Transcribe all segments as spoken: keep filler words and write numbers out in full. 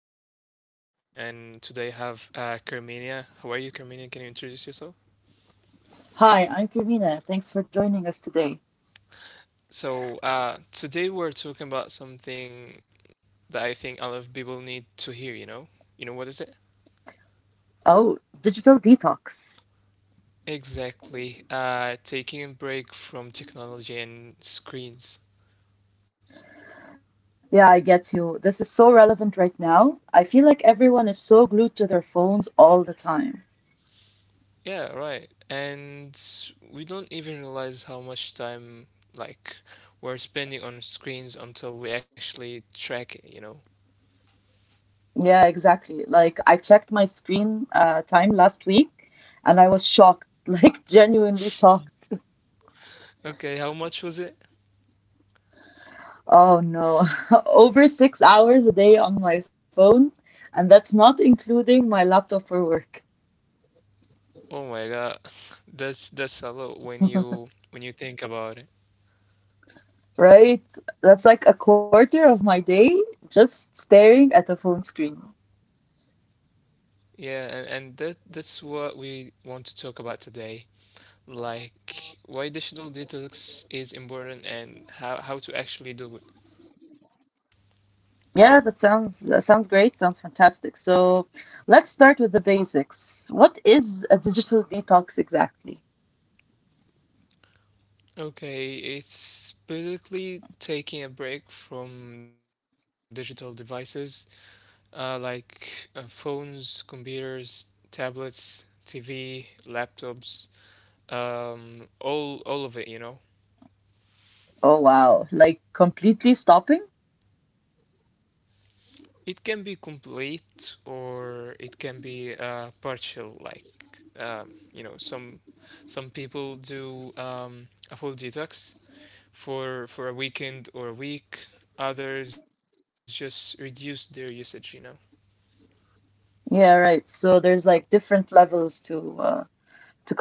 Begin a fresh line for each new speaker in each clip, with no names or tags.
this is Yahya again, and today I have uh, Carmenia. How are you, Carmenia? Can you introduce yourself?
Hi, I'm Karina. Thanks for joining us today.
So, uh, today we're talking about something that I think a lot of people need to hear, you know? You know what is it?
Oh, digital detox.
Exactly. Uh, taking a break from technology and screens.
Yeah, I get you. This is so relevant right now. I feel like everyone is so glued to their phones all the time.
Yeah, right. And we don't even realize how much time, like, we're spending on screens until we actually track it, you know?
Yeah, exactly. Like, I checked my screen uh, time last week and I was shocked, like, genuinely shocked.
Okay, how much was it?
Oh no, over six hours a day on my phone, and that's not including my laptop for work.
Oh my God, that's that's a lot when you when you think about it.
Right? That's like a quarter of my day just staring at a phone screen.
Yeah, and, and that that's what we want to talk about today. Like why digital detox is important and how how to actually do it.
Yeah, that sounds that sounds great. Sounds fantastic. So let's start with the basics. What is a digital detox exactly?
Okay, it's basically taking a break from digital devices, uh, like uh, phones, computers, tablets, T V, laptops, um, all all of it, you know.
Oh wow. Like completely stopping?
It can be complete or it can be uh, partial. Like um, you know, some some people do um, a full detox for for a weekend or a week. Others just reduce their usage, you know.
Yeah, right. So there's like different levels to uh,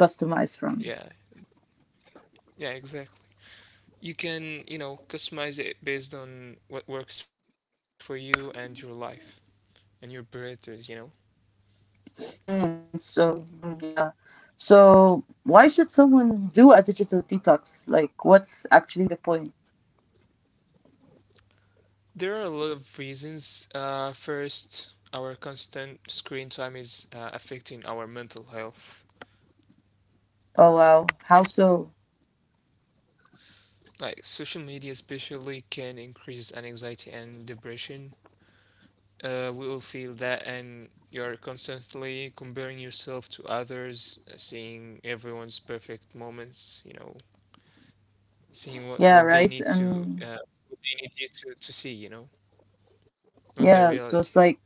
to customize
Yeah.
from.
Yeah. Exactly. You can, you know, customize it based on what works for you and your life and your parameters, you know.
Mm, so mm, yeah. So why should someone do a digital detox? Like what's actually the point?
There are a lot of reasons. Uh, first, our constant screen time is uh, affecting our mental health.
Oh wow. How so?
Like social media, especially, can increase anxiety and depression. Uh, we all feel that, and you're constantly comparing yourself to others, uh, seeing everyone's perfect moments. You know, seeing what
Yeah,
what they
right.
need to
And
uh, what they need you to to see. You know, not the
yeah,
reality.
so it's like,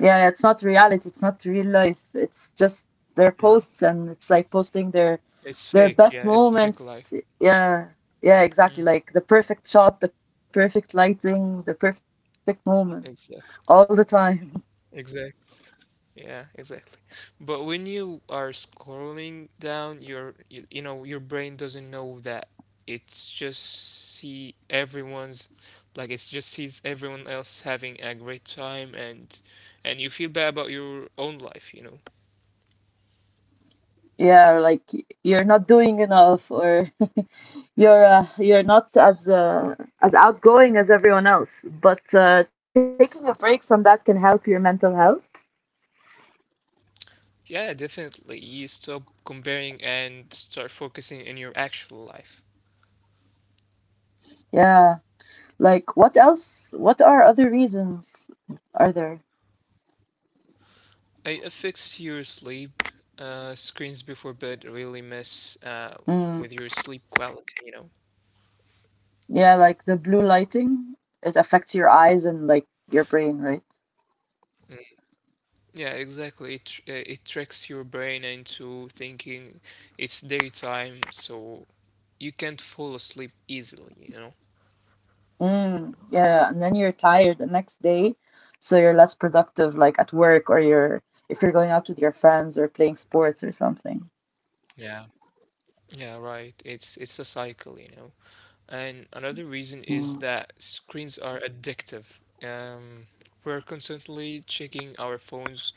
yeah, it's not reality. It's not real life. It's just their
Mm.
posts, and it's like posting their
It's
their
fake.
best
Yeah, it's a fake
moments.
life.
Yeah, yeah,
Mm.
exactly. Like the perfect shot, the perfect lighting, the perfect moment, all the
Exactly.
time.
Exactly. Yeah, exactly. But when you are scrolling down, your you, you know your brain doesn't know that it's just see everyone's like it's just sees everyone else having a great time, and and you feel bad about your own life, you know.
Yeah, like y- you're not doing enough, or you're uh, you're not as uh, as outgoing as everyone else. But uh, taking a break from that can help your mental health.
Yeah, definitely. You stop comparing and start focusing in your actual life.
Yeah. Like, what else? What are other reasons are there?
It affects your sleep. Uh, screens before bed really mess uh,
Mm.
with your sleep quality, you know.
Yeah, like the blue lighting, it affects your eyes and like your brain, right?
Yeah, exactly. It tr- uh, it tricks your brain into thinking it's daytime, so you can't fall asleep easily, you know?
Mm. Yeah, and then you're tired the next day, so you're less productive, like at work or you're if you're going out with your friends or playing sports or something.
Yeah. Yeah, right. It's it's a cycle, you know. And another reason is
Mm.
that screens are addictive. Um, we're constantly checking our phones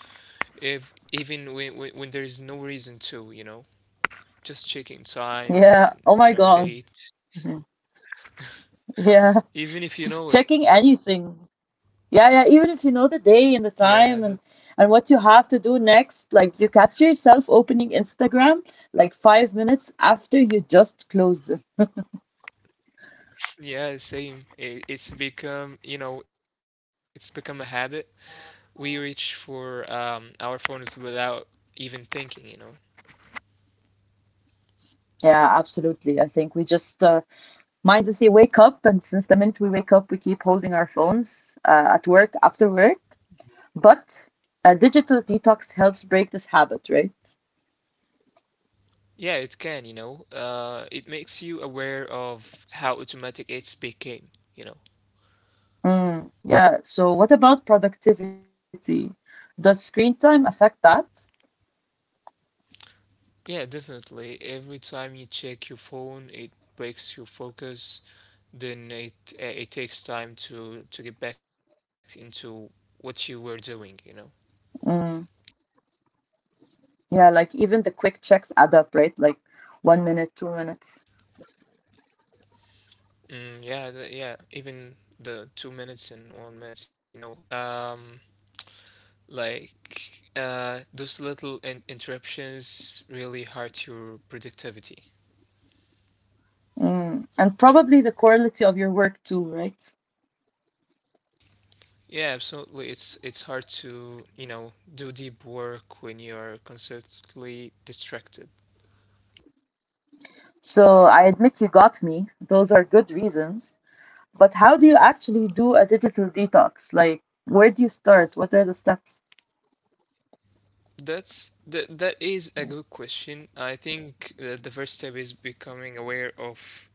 if even when, when when there is no reason to, you know, just checking time
Yeah.
and,
Oh
you
my
know,
God.
date,
Yeah.
even if you
Just
know it.
checking anything. Yeah, yeah. Even if you know the
Yeah,
day and the
that's
time and and what you have to do next, like you catch yourself opening Instagram like five minutes after you just closed it.
Yeah, same. It, it's become, you know, it's become a habit. We reach for um, our phones without even thinking, you know.
Yeah, absolutely. I think we just uh, mindlessly wake up, and since the minute we wake up, we keep holding our phones uh, at work, after work. But a digital detox helps break this habit, right?
Yeah, it can, you know. Uh, it makes you aware of how automatic it's became, you know.
Mm, yeah. So, what about productivity? Does screen time affect that?
Yeah, definitely. Every time you check your phone, it breaks your focus. Then it uh, it takes time to to get back into what you were doing, you know.
Mm. Yeah, like even the quick checks add up, right? Like one minute, two minutes.
Mm, yeah, the, yeah. Even the two minutes and one minutes, you know. Um, Like uh, those little in- interruptions really hurt your productivity.
Mm. And probably the quality of your work too, right?
Yeah, absolutely. It's it's hard to, you know, do deep work when you're constantly distracted.
So I admit you got me. Those are good reasons. But how do you actually do a digital detox? Like, where do you start? What are the steps?
That's that that is a good question. I think uh, the first step is becoming aware of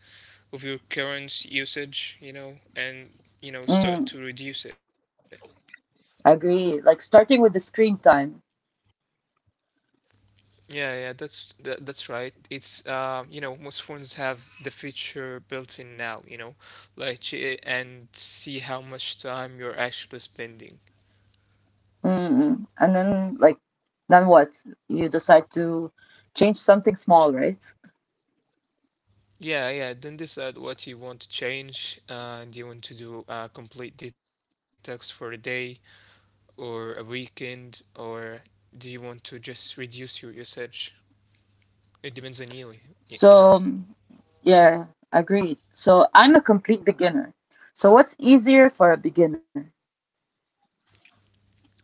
of your current usage, you know, and you know start
Mm,
to reduce it.
I agree. Like starting with the screen time.
Yeah, yeah, that's that, that's right. It's uh, You know, most phones have the feature built in now, you know, like ch- and see how much time you're actually spending.
Mm-mm. And then, like, then what? You decide to change something small, right?
Yeah, yeah, then decide what you want to change. Uh, do you want to do a complete detox for a day or a weekend, or do you want to just reduce your usage? It depends on you, y- you know.
So, yeah, agreed. So I'm a complete beginner. So what's easier for a beginner?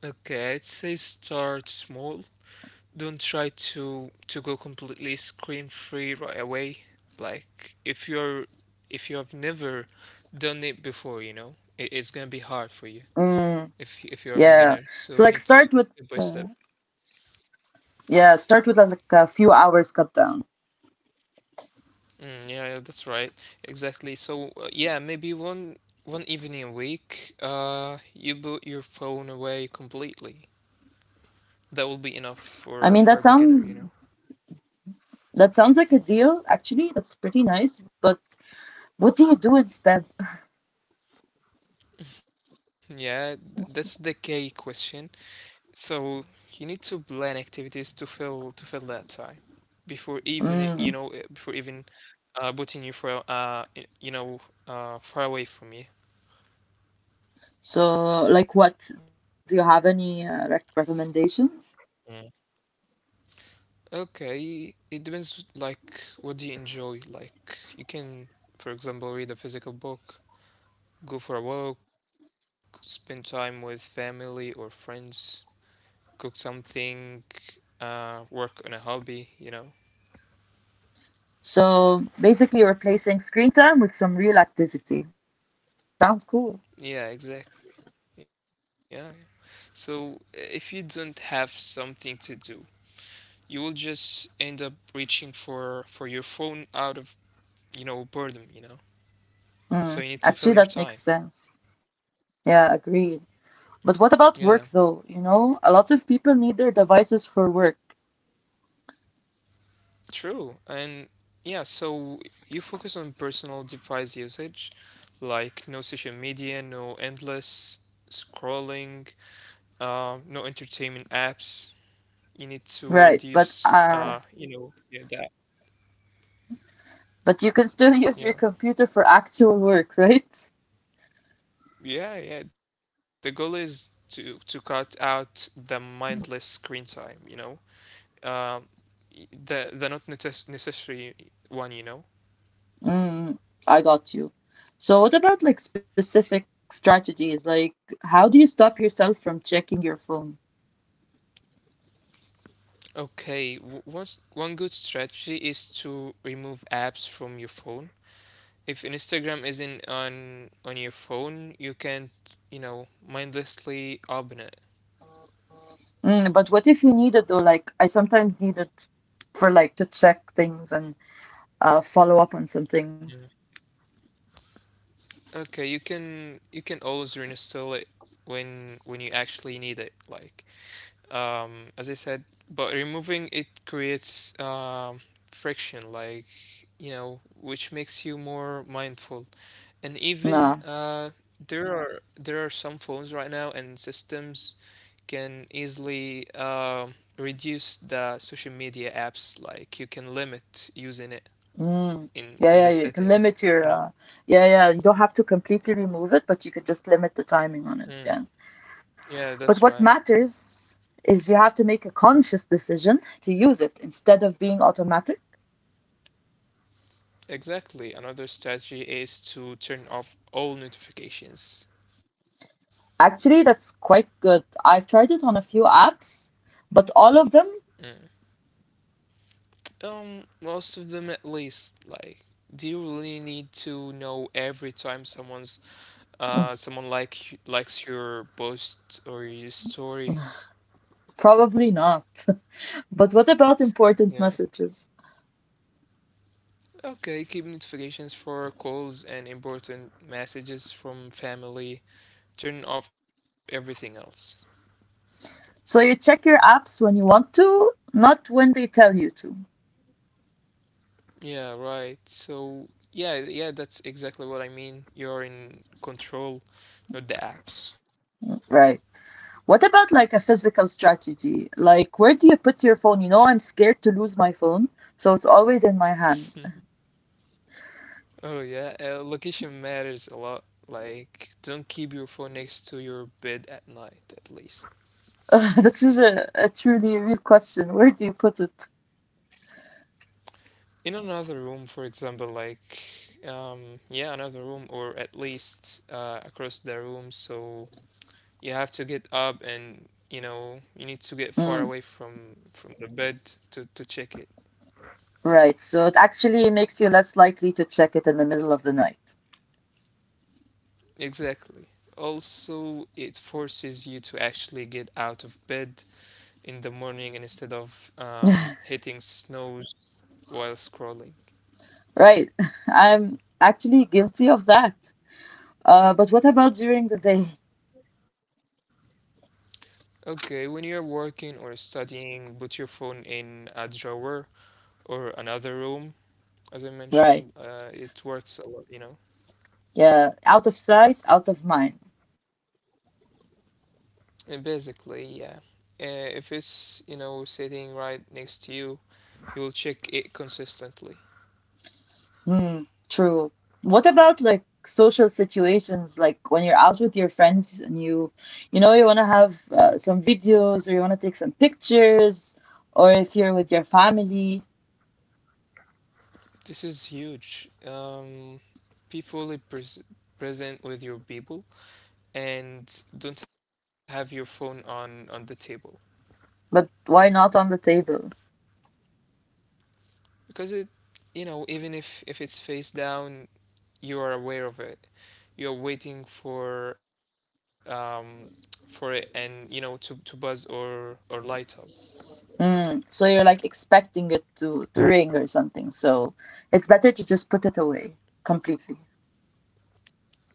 Okay, I'd say start small. Don't try to to go completely screen free right away. Like if you're if you have never done it before, you know, it, it's gonna be hard for you
Mm,
if if you're a
yeah.
beginner. So
So
we
like
need to take
start
it
with
step by step.
uh, yeah, start with like a few hours cut down.
Mm, yeah, yeah, that's right. Exactly. So uh, yeah, maybe one one evening a week, uh, you put your phone away completely. That will be enough
I
for
mean
for
that
a beginner, you
sounds
know.
that sounds like a deal actually. That's pretty nice, but what do you do instead?
Yeah, th- that's the key question. So you need to plan activities to fill to fill that time before even it- you know uh,
Mm,
before even uh putting you for uh y- you know uh far away from you.
so like what? Do you have any uh, rec recommendations?
Mm. Okay, it depends, like what do you enjoy? Like you can, for example, read a physical book, go for a walk, spend time with family or friends, cook something, uh work on a hobby, you know.
So basically replacing screen time with some real activity. Sounds cool.
Yeah, exactly. Yeah. So, uh, if you don't have something to do, you will just end up reaching for for your phone out of, you know, boredom, you know. So you
Mm,
need to fill
actually
your
that makes
time.
sense. Yeah, agreed.
Yeah,
But what about work though? You know, a lot of people need their devices for work.
true. And yeah, so you focus on personal device usage, like no social media, no endless scrolling, uh, no entertainment apps. You need to
Right. But
reduce,
uh
uh, you know, yeah, that.
but you can still use your
Yeah.
computer for actual work, right?
Yeah, yeah. The goal is to to cut out the mindless screen time, you know. Um, y- the the not necess- necessary one, you know.
Mm, I got you. So what about like specific strategies? Like how do you stop yourself from checking your phone?
Okay, w- one s- one good strategy is to remove apps from your phone. If Instagram isn't on on your phone, you can't, you know, mindlessly open it.
Mm, but what if you need it though? Like I sometimes need it for like to check things and uh follow up on some
Yeah.
things.
Okay, you can you can always reinstall it when when you actually need it, like um, as I said, but removing it creates um, friction, like, you know, which makes you more mindful. And even
Nah.
uh, there are there are some phones right now and systems can easily um reduce the social media apps. Like you can limit using it
Mm.
in
Yeah,
in the
yeah, you can
settings,
limit your
you know?
uh yeah, yeah, you don't have to completely remove it, but you could just limit the timing on it.
Mm.
Yeah.
Yeah,
But
that's
what
right. Yeah.
matters is you have to make a conscious decision to use it instead of being automatic.
Exactly. Another strategy is to turn off all notifications.
Actually, that's quite good. I've tried it on a few apps, but all of them
Mm. Um, most of them at least. Like, do you really need to know every time someone's uh someone like likes your post or your story?
probably not. But what about important
Yeah.
messages?
Okay, keep notifications for calls and important messages from family. Turn off everything else.
So you check your apps when you want to, not when they tell you to.
Yeah, right. So, yeah, yeah, that's exactly what I mean. You're in control, not the apps.
Right. What about like a physical strategy? Like, where do you put your phone? You know, I'm scared to lose my phone, so it's always in my hand.
Oh yeah, uh, location matters a lot. Like, don't keep your phone next to your bed at night, at least.
This is a, a truly real question. Where do you put it?
In another room, for example, like, um, yeah, another room, or at least uh, across the room. So you have to get up, and you know, you need to get
Mm,
far away from from the bed to to check it.
right. So it actually makes you less likely to check it in the middle of the night.
Exactly. Also, it forces you to actually get out of bed in the morning instead of um, hitting snooze while scrolling.
Right. I'm actually guilty of that. Uh, but what about during the day?
Okay, when you're working or studying, put your phone in a drawer or another room. As I mentioned,
Right.
uh, it works a lot, you know.
Yeah. Out of sight, out of mind.
And basically, yeah. Uh, if it's, you know, sitting right next to you, you will check it consistently.
Hmm. True. What about like social situations, like when you're out with your friends and you, you know, you want to have uh, some videos or you want to take some pictures, or if you're with your family,
This is huge. Um, be fully pres present with your people, and don't have your phone on on the table.
but why not on the table?
Because it, you know, even if if it's face down, you are aware of it. You're waiting for um for it, and you know, to to buzz or or light up.
Mm, so you're like expecting it to, to ring or something. So it's better to just put it away completely.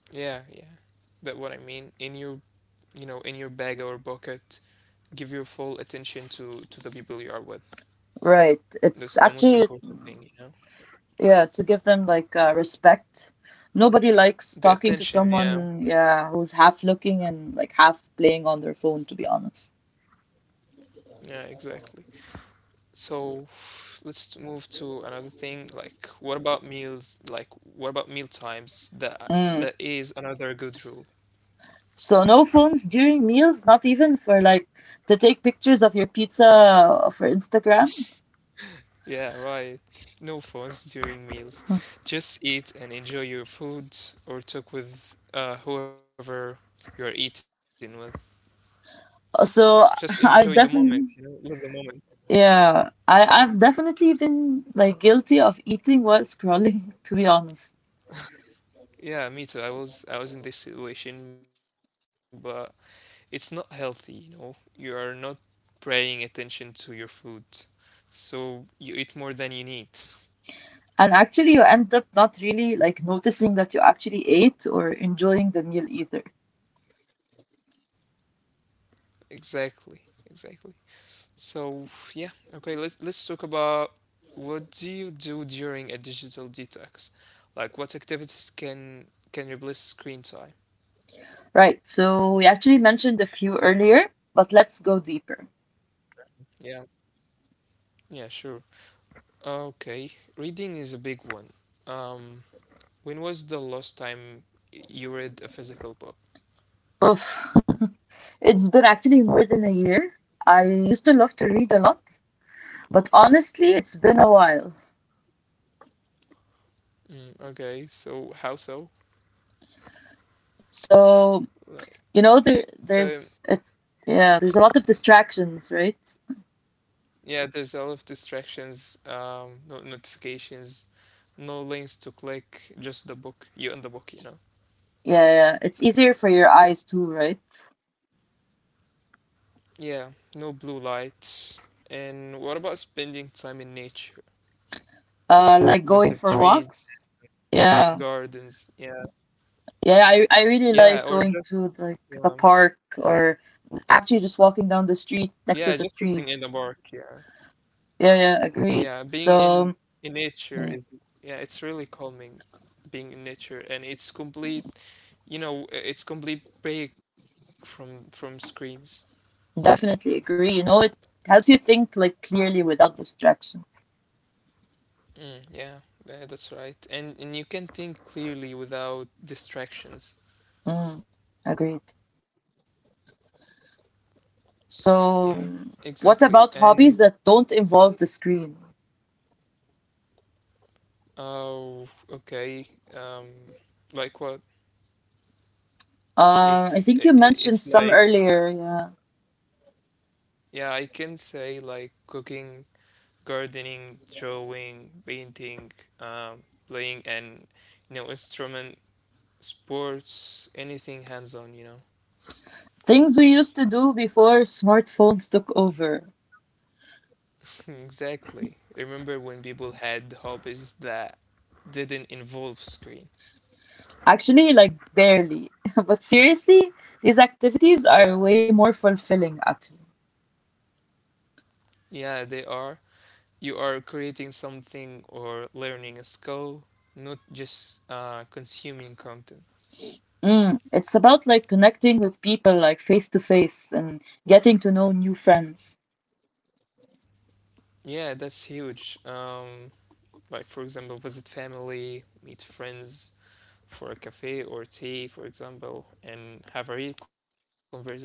Yeah, yeah That what I mean, in your, you know, in your bag or bucket. Give your full attention to to the people you are with.
Right. It's
That's the most
actually
important thing, you know.
yeah, to give them like uh, respect. Nobody likes
The
talking to
attention.
someone,
Yeah.
yeah, who's half looking and like half playing on their phone, to be honest.
Yeah, exactly. So let's move to another thing. Like, what about meals? Like, what about meal times?
Mm.
That that is another good rule.
So no phones during meals, not even for like to take pictures of your pizza for Instagram.
Yeah, right. No phones during meals. Just eat and enjoy your food, or talk with uh, whoever you're eating with.
So
Just
I've
enjoy the
definitely,
moment, you know, live the moment.
yeah, I, I've definitely been like guilty of eating while scrolling, to be honest.
Yeah, me too. I was I was in this situation, but it's not healthy, you know. You are not paying attention to your food, so you eat more than you need.
And actually, you end up not really like noticing that you actually ate or enjoying the meal either.
Exactly. Exactly. So yeah, okay, let's let's talk about, what do you do during a digital detox? Like what activities can can replace screen time?
Right. So we actually mentioned a few earlier, but let's go deeper.
Yeah. Yeah, sure. Okay. Reading is a big one. Um, when was the last time y- you read a physical book?
Oof. It's been actually more than a year. I used to love to read a lot, but honestly, it's been a while.
Mm, okay, so how so?
So,
Like,
you know, there,
so
there's it's, yeah, there's a lot of distractions, right?
yeah, there's a lot of distractions, um, no notifications, no links to click, just the book, you and the book, you know.
Yeah, yeah, yeah. It's easier for your eyes too, right?
Yeah, no blue light. And what about spending time in nature
Uh, like
with
going
the
for
trees,
walks. Yeah.
gardens? Yeah,
Yeah, I I really
yeah,
like
or
going
just
to like the
yeah,
park or actually just walking down the
yeah,
street
just
next to
sitting
the
in the park.
trees.
Yeah.
Yeah, yeah,
Yeah,
agreed.
being in
So,
in nature
yeah,
is yeah, it's really calming being in nature, and it's complete, you know, i- it's complete break from from screens.
definitely agree. You know, it helps you think like clearly without distraction.
Mm, yeah, yeah, that's right. And and you can think clearly without distractions.
Mm, agreed.
Yeah,
So,
exactly.
what about
And
hobbies that don't
so-
involve the screen?
oh, okay. Um, like what?
Uh, I
It's i-
think you
i- it's
mentioned some
like
earlier. Yeah,
yeah, I can say like cooking, gardening, drawing, painting, um, playing an, you know instrument, sports, anything hands-on. You know,
things we used to do before smartphones took over.
exactly. Remember when people had hobbies that didn't involve screen?
Actually, like barely. But seriously, these
Yeah.
activities are way more fulfilling, actually.
Yeah, they are. You are creating something or learning a skill, not just uh, consuming content.
Mm, it's about like connecting with people like face to face and getting to know new friends.
Yeah, that's huge. Um, like for example visit family, meet friends for a cafe or tea for example, and have real conversations.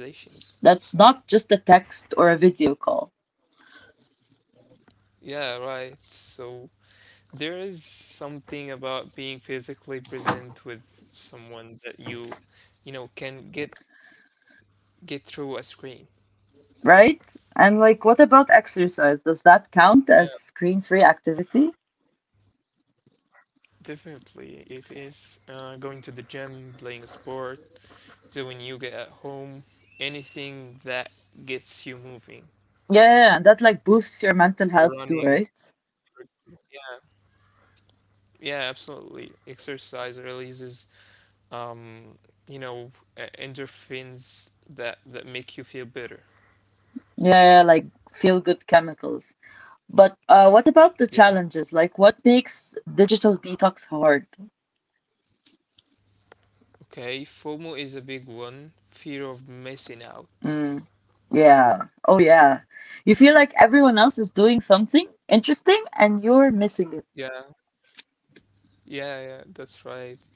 That's not just a text or a video call,
Yeah, right, so there is something about being physically present with someone that you you know can get get through a screen.
right? And like, what about exercise? Does that
Yeah,
count as screen-free activity?
definitely it is. Uh, going to the gym, playing a sport, doing yoga at home, anything that gets you moving,
Yeah, yeah, yeah. And that like boosts your mental health too,
running.
right?
Yeah, absolutely. Exercise releases, um, you know, e- endorphins that that make you feel better.
Yeah, yeah, like feel-good chemicals. But uh, what about the
Yeah.
challenges? Like, what makes digital detox hard?
Okay. FOMO is a big one. Fear of missing out.
Mm. Yeah. Oh, yeah. You feel like everyone else is doing something interesting and you're
Yeah.
missing it.
Yeah. Yeah. That's right.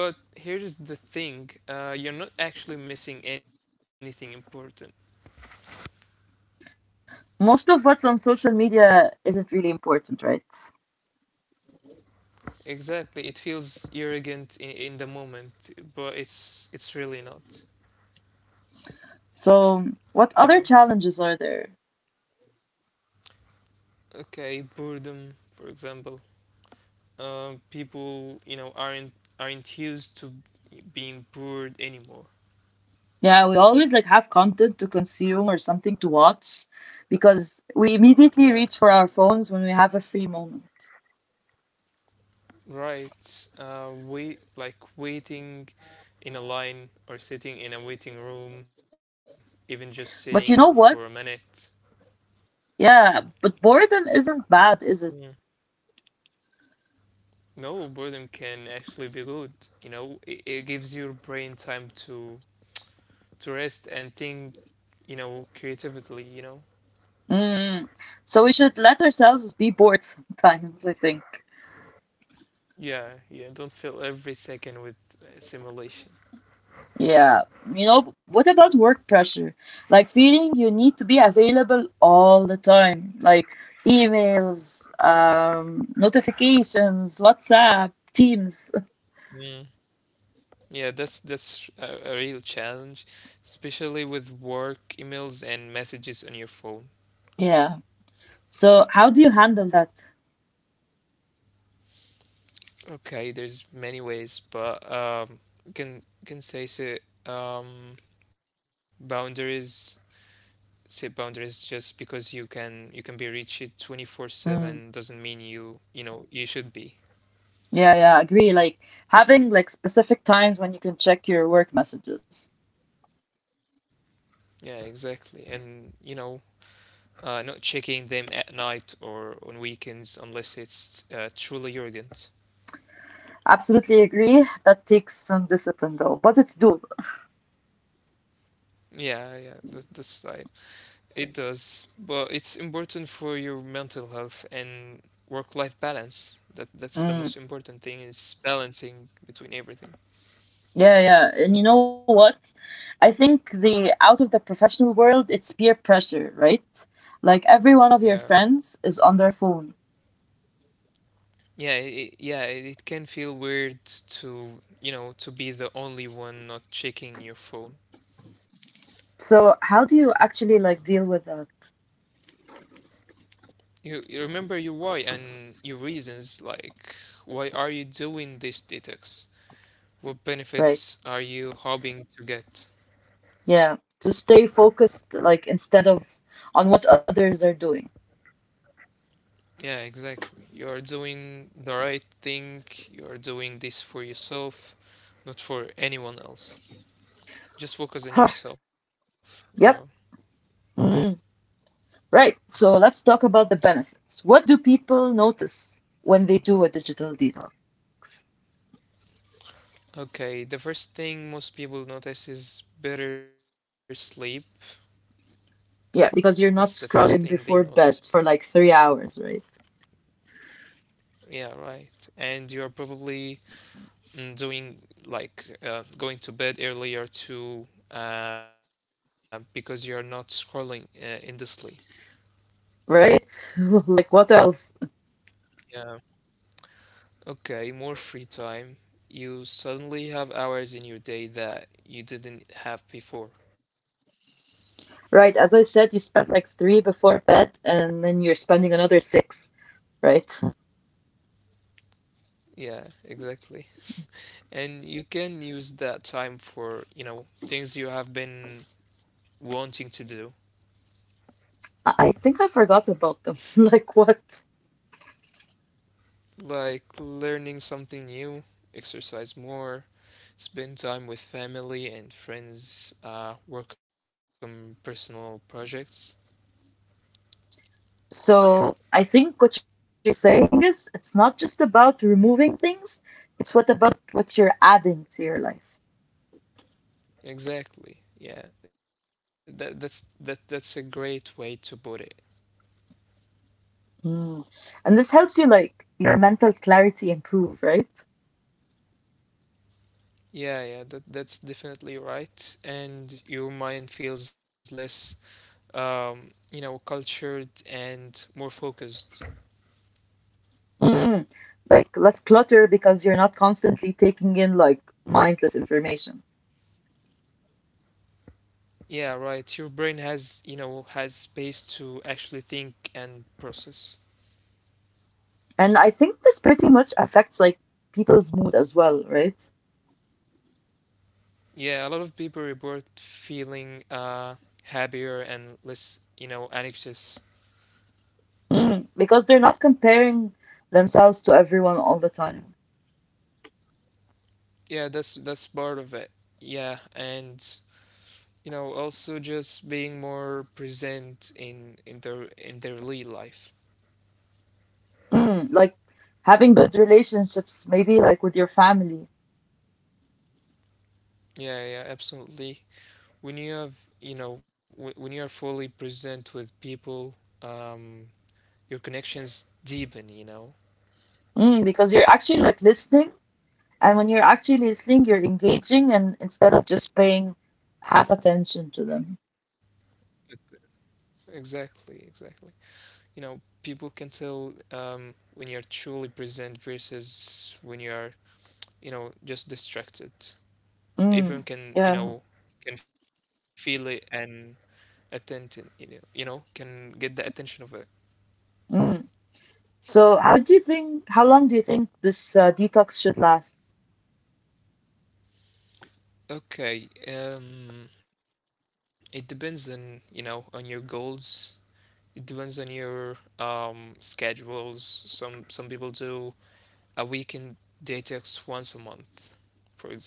But here's the thing. Uh, you're not actually missing anything important.
Most of what's on social media isn't really important, right?
Exactly. It feels arrogant in, in the moment, but it's it's really not.
So, what
You
other
know.
challenges are there?
Okay. Boredom, for example. Uh, people you know aren't aren't used to being bored anymore.
Yeah, we always like have content to consume or something to watch because we
Yeah,
immediately reach for our phones when we have a free moment.
right. Uh wait like waiting in a line or sitting in a waiting room, even just sitting for a
But you know
minute.
what? Yeah, but boredom isn't
Yeah.
bad, is it?
No, boredom can actually be good. You know, it, it gives your brain time to to rest and think, you know, creatively, you know.
Mm. So we should let ourselves be bored sometimes, I think.
Yeah, yeah, don't fill every second with uh, simulation.
Yeah, you know, what about work pressure? Like feeling you need to be available all the time, like emails, um, notifications, WhatsApp, Teams.
Yeah, that's that's a, a real challenge, especially with work emails and messages on your phone.
Yeah. So how do you handle that?
Okay, there's many ways, but um, can can say say um, boundaries. Set boundaries. Just because you can you can be reached
Mm.
twenty four seven doesn't mean you you know you should be.
Yeah, yeah, I agree. Like having like specific times when you can check your work messages.
Yeah, exactly. And you know, uh, not checking them at night or on weekends unless it's uh, truly urgent.
Absolutely agree. That takes some discipline though, but it's doable.
Yeah, yeah, that, that's I It does, but it's important for your mental health and work-life balance. That that's the most important thing, is balancing between everything.
Yeah, yeah. And you know what? I think the out of the professional world, it's peer pressure, right? Like every one of your
Yeah.
friends is on their phone.
Yeah, it, yeah, it it can feel weird to, you know, to be the only one not checking your phone.
So how do you actually like deal with that?
You, you remember your why and your reasons, like, why are you doing this detox? What benefits are
Right.
you hoping to get?
Yeah. To stay focused, like instead of on what others are doing.
Yeah, exactly. You are doing the right thing. You are doing this for yourself, not for anyone else. Just focus on
Huh.
yourself, you know.
Yep. Mm. Right. So let's talk about the benefits. What do people notice when they do a digital detox?
Okay, the first thing most people notice is better sleep. That's the
Yeah,
first
because you're
thing
not
they
scrolling
notice.
before bed for like three hours, right?
Yeah, right. And you're probably, mm, doing, like, uh, going to bed earlier too, uh, because you're not scrolling uh, endlessly.
Right? Like what else?
Yeah. Okay, more free time. You suddenly have hours in your day that you didn't have before.
Right, as I said, you spent like three before bed and then you're spending another six, right?
Yeah, exactly. And you can use that time for, you know, things you have been wanting to do,
I I think I forgot about them. Like what?
like learning something new, exercise more, spend time with family and friends, uh, work on personal projects.
So I think what you're saying is it's not just about removing things, it's what about what you're adding to your life.
Exactly. Yeah, that that's that that's a great way to put it.
Mm. And this helps you like your mental clarity improve, right?
Yeah, yeah, that that's definitely right. And your mind feels less, um, you know, cultured, and more focused.
Mm. Like less clutter because you're not constantly taking in like mindless information.
Yeah, right. Your brain has, you know, has space to actually think and process.
And I think this pretty much affects like people's mood as well, right?
Yeah, a lot of people report feeling uh happier and less, you know, anxious.
Mm. Because they're not comparing themselves to everyone all the time.
Yeah, that's that's part of it. Yeah, and you know, also just being more present in in their in their real life.
Mm. Like having good relationships, maybe like with your family.
Yeah, yeah, absolutely. When you have, you know, w- when you are fully present with people, um your connections deepen, you know.
Mm. Because you're actually like listening, and when you're actually listening, you're engaging, and instead of just paying half attention to them.
Exactly, exactly. You know, people can tell, um when you're truly present versus when you're, you know, just distracted. Everyone
Mm.
can, you know,
Yeah.
can feel it. And attention, you know, you know can get the attention of it.
Mm. So, how do you think? How long do you think this uh, detox should last?
Okay, um it depends on, you know, on your goals. It depends on your um, schedules. Some some people do a weekend detox once a month, for example.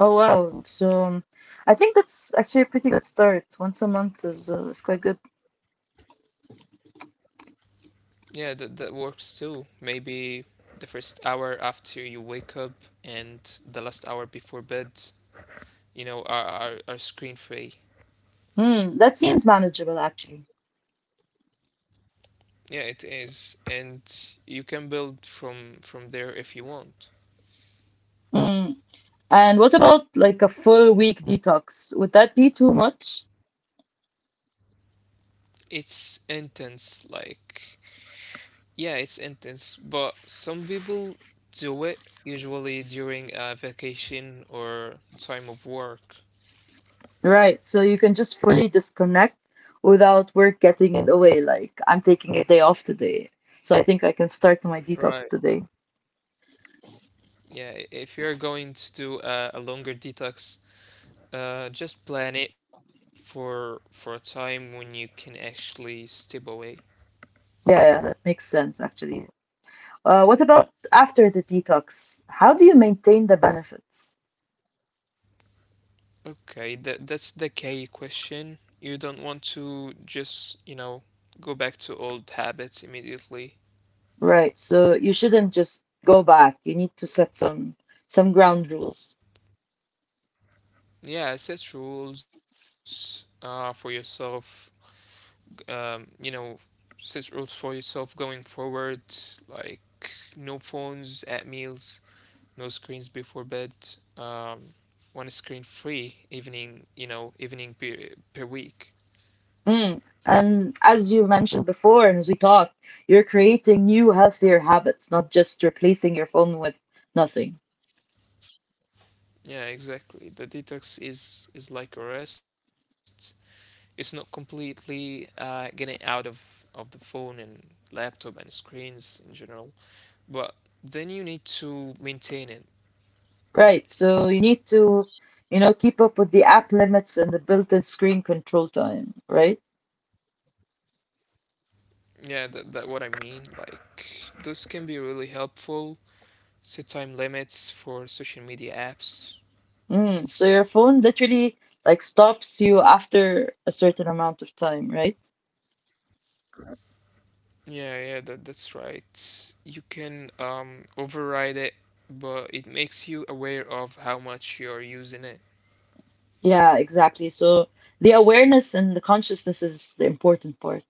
Oh wow. So um, I think that's actually a pretty good start. Once a month is uh, is quite good.
Yeah, that that works too. Maybe the first hour after you wake up and the last hour before bed, you know, are are, are screen free.
Hmm, that seems manageable actually.
Yeah, it is, and you can build from from there if you want.
Hmm. And what about like a full week detox? Would that be too much?
It's intense, like. Yeah, it's intense, but some people do it usually during a vacation or time of work.
Right. So you can just fully disconnect without work getting in the way. Like I'm taking a day off today, so I think I can start my detox
Right.
today.
Yeah, i- if you're going to do a, a longer detox, uh, just plan it for for a time when you can actually step away.
Yeah, yeah, that makes sense actually. Uh, what about after the detox? How do you maintain the benefits?
Okay, that that's the key question. You don't want to just, you know, go back to old habits immediately.
Right. So you shouldn't just go back. You need to set some some ground rules.
Yeah, set rules uh, for yourself, um, you know, set rules for yourself going forward, like no phones at meals, no screens before bed, um, one screen free evening, you know, evening per, per week.
Mm. And as you mentioned before, and as we talked, you're creating new healthier habits, not just replacing your phone with nothing.
Yeah, exactly. The detox is is like a rest. It's not completely uh, getting out of of the phone and laptop and screens in general, but then you need to maintain it.
Right. So you need to, you know, keep up with the app limits and the built-in screen control time, right?
Yeah, that, that what I mean. Like, those can be really helpful. Set time limits for social media apps.
Mm. So your phone literally like stops you after a certain amount of time, right?
Yeah, yeah, that that's right. You can um override it, but it makes you aware of how much you're using it.
Yeah, exactly. So the awareness and the consciousness is the important part.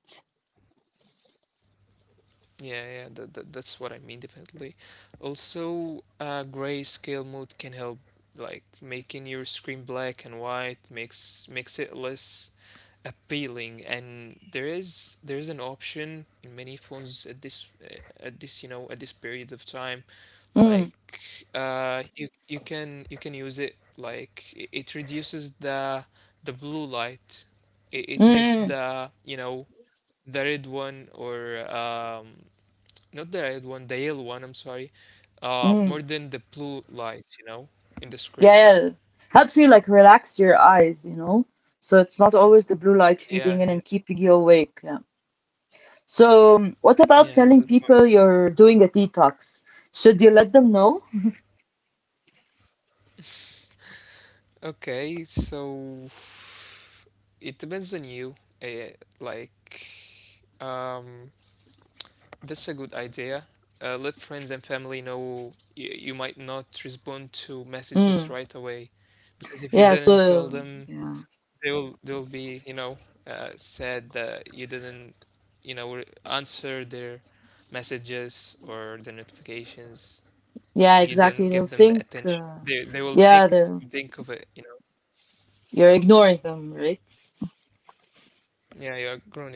Yeah, yeah, that, that, that's what I mean, definitely. Also, uh, grayscale mode can help, like making your screen black and white makes makes it less appealing. And there is there is an option in many phones at this, uh, at this, you know, at this period of time.
Mm,
Like, uh, you you can, you can use it, like it, it reduces the the blue light. It,
mm,
it makes
mm.
the, you know, the red one, or um not the red one, the yellow one, I'm sorry, uh,
Mm.
more than the blue light, you know, in the
Yeah,
screen.
yeah. Helps you like relax your eyes, you know? So it's not always the blue light
Yeah, yeah,
feeding in and keeping you awake. Yeah. So um, what about
yeah. the-
telling
the
people you're doing a detox? Should you let them know?
Okay, so it depends on you. Uh, like, um, that's a good idea. Uh, let friends and family know you, you might not respond to messages
Mm.
right away, because if you
Yeah,
didn't tell
so
them,
yeah.
they will they'll be, you know, uh, said that you didn't, you know, re- answer their messages or the notifications.
Yeah,
You
exactly.
didn't
They'll
give them the
think
attention
uh,
they they will
yeah,
think.
they're
Think of it you know
you're ignoring them, right?
Yeah, you're groaning them, yeah.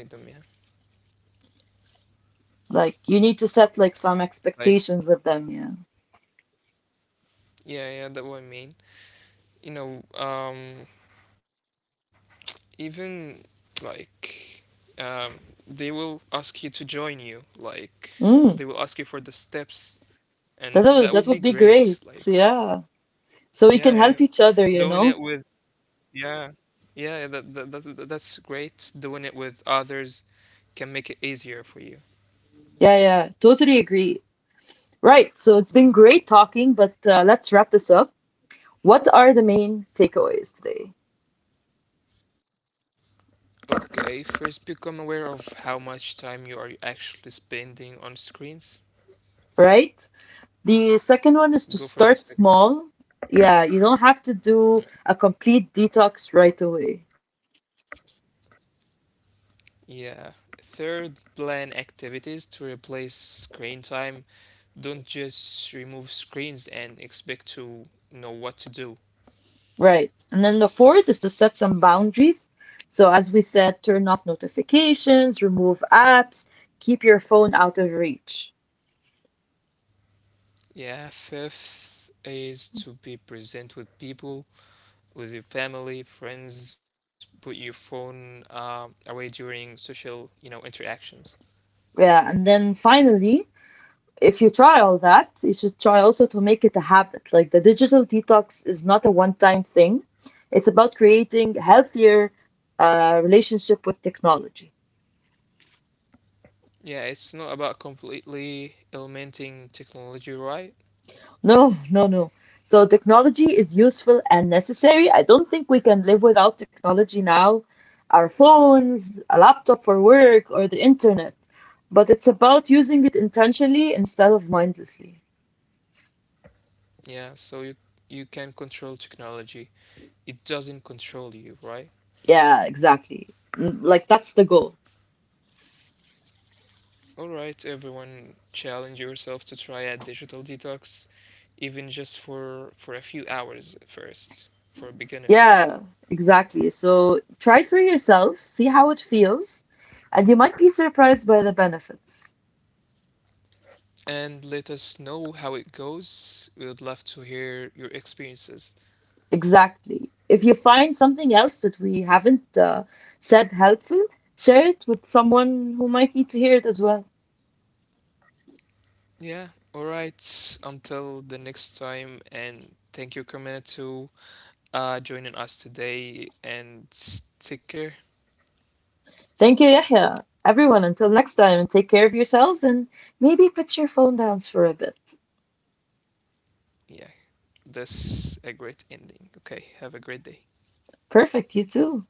Like you need to set like some
Like,
expectations with them, yeah.
yeah, yeah, that what I mean. You know, um even like, um they will ask you to join you, like, they will ask you
Mm,
for the steps. And
that
that would
would
be
that would be
great,
great.
like.
Yeah. So we
Yeah,
can
yeah,
help each other, you
doing
know?
it with. Yeah, yeah, that, that, that that's great. Doing it with others can make it easier for you.
Yeah, yeah. Totally agree. Right. So it's been great talking, but uh, let's wrap this up. What are the main takeaways today?
Okay, first, become aware of how much time you are actually spending on screens.
Right? The second one is to start
Go for the
small.
second.
Yeah, you don't have to do a
Mm.
complete detox right away.
Yeah. Third, plan activities to replace screen time. Don't just remove screens and expect to know what to do.
Right. And then the fourth is to set some boundaries. So as we said, turn off notifications, remove apps, keep your phone out of reach.
Yeah, fifth is to be present with people, with your family, friends. Put your phone, uh, away during social, you know, interactions.
Yeah, and then finally, if you try all that, you should try also to make it a habit. Like the digital detox is not a one-time thing. It's about creating a healthier uh, relationship with technology.
Yeah, it's not about completely eliminating technology, right?
No, no, no. So technology is useful and necessary. I don't think we can live without technology now. Our phones, a laptop for work, or the internet. But it's about using it intentionally instead of mindlessly.
Yeah, so you you can control technology. It doesn't control you, right?
Yeah, exactly. Mm, like that's the goal.
All right, everyone, challenge yourself to try a digital detox, even just for for a few hours at first, for a beginner.
Yeah, exactly. So try it for yourself, see how it feels, and you might be surprised by the benefits.
And let us know how it goes. We would love to hear your experiences.
Exactly. If you find something else that we haven't uh, said helpful, share it with someone who might need to hear it as well.
Yeah, all right. Until the next time, and thank you, Carmina, to, uh, joining us today. And s- take care.
Thank you, Yahya. Everyone, until next time, and take care of yourselves and maybe put your phone down for a bit.
Yeah, that's a great ending. Okay, have a great day.
Perfect, you too.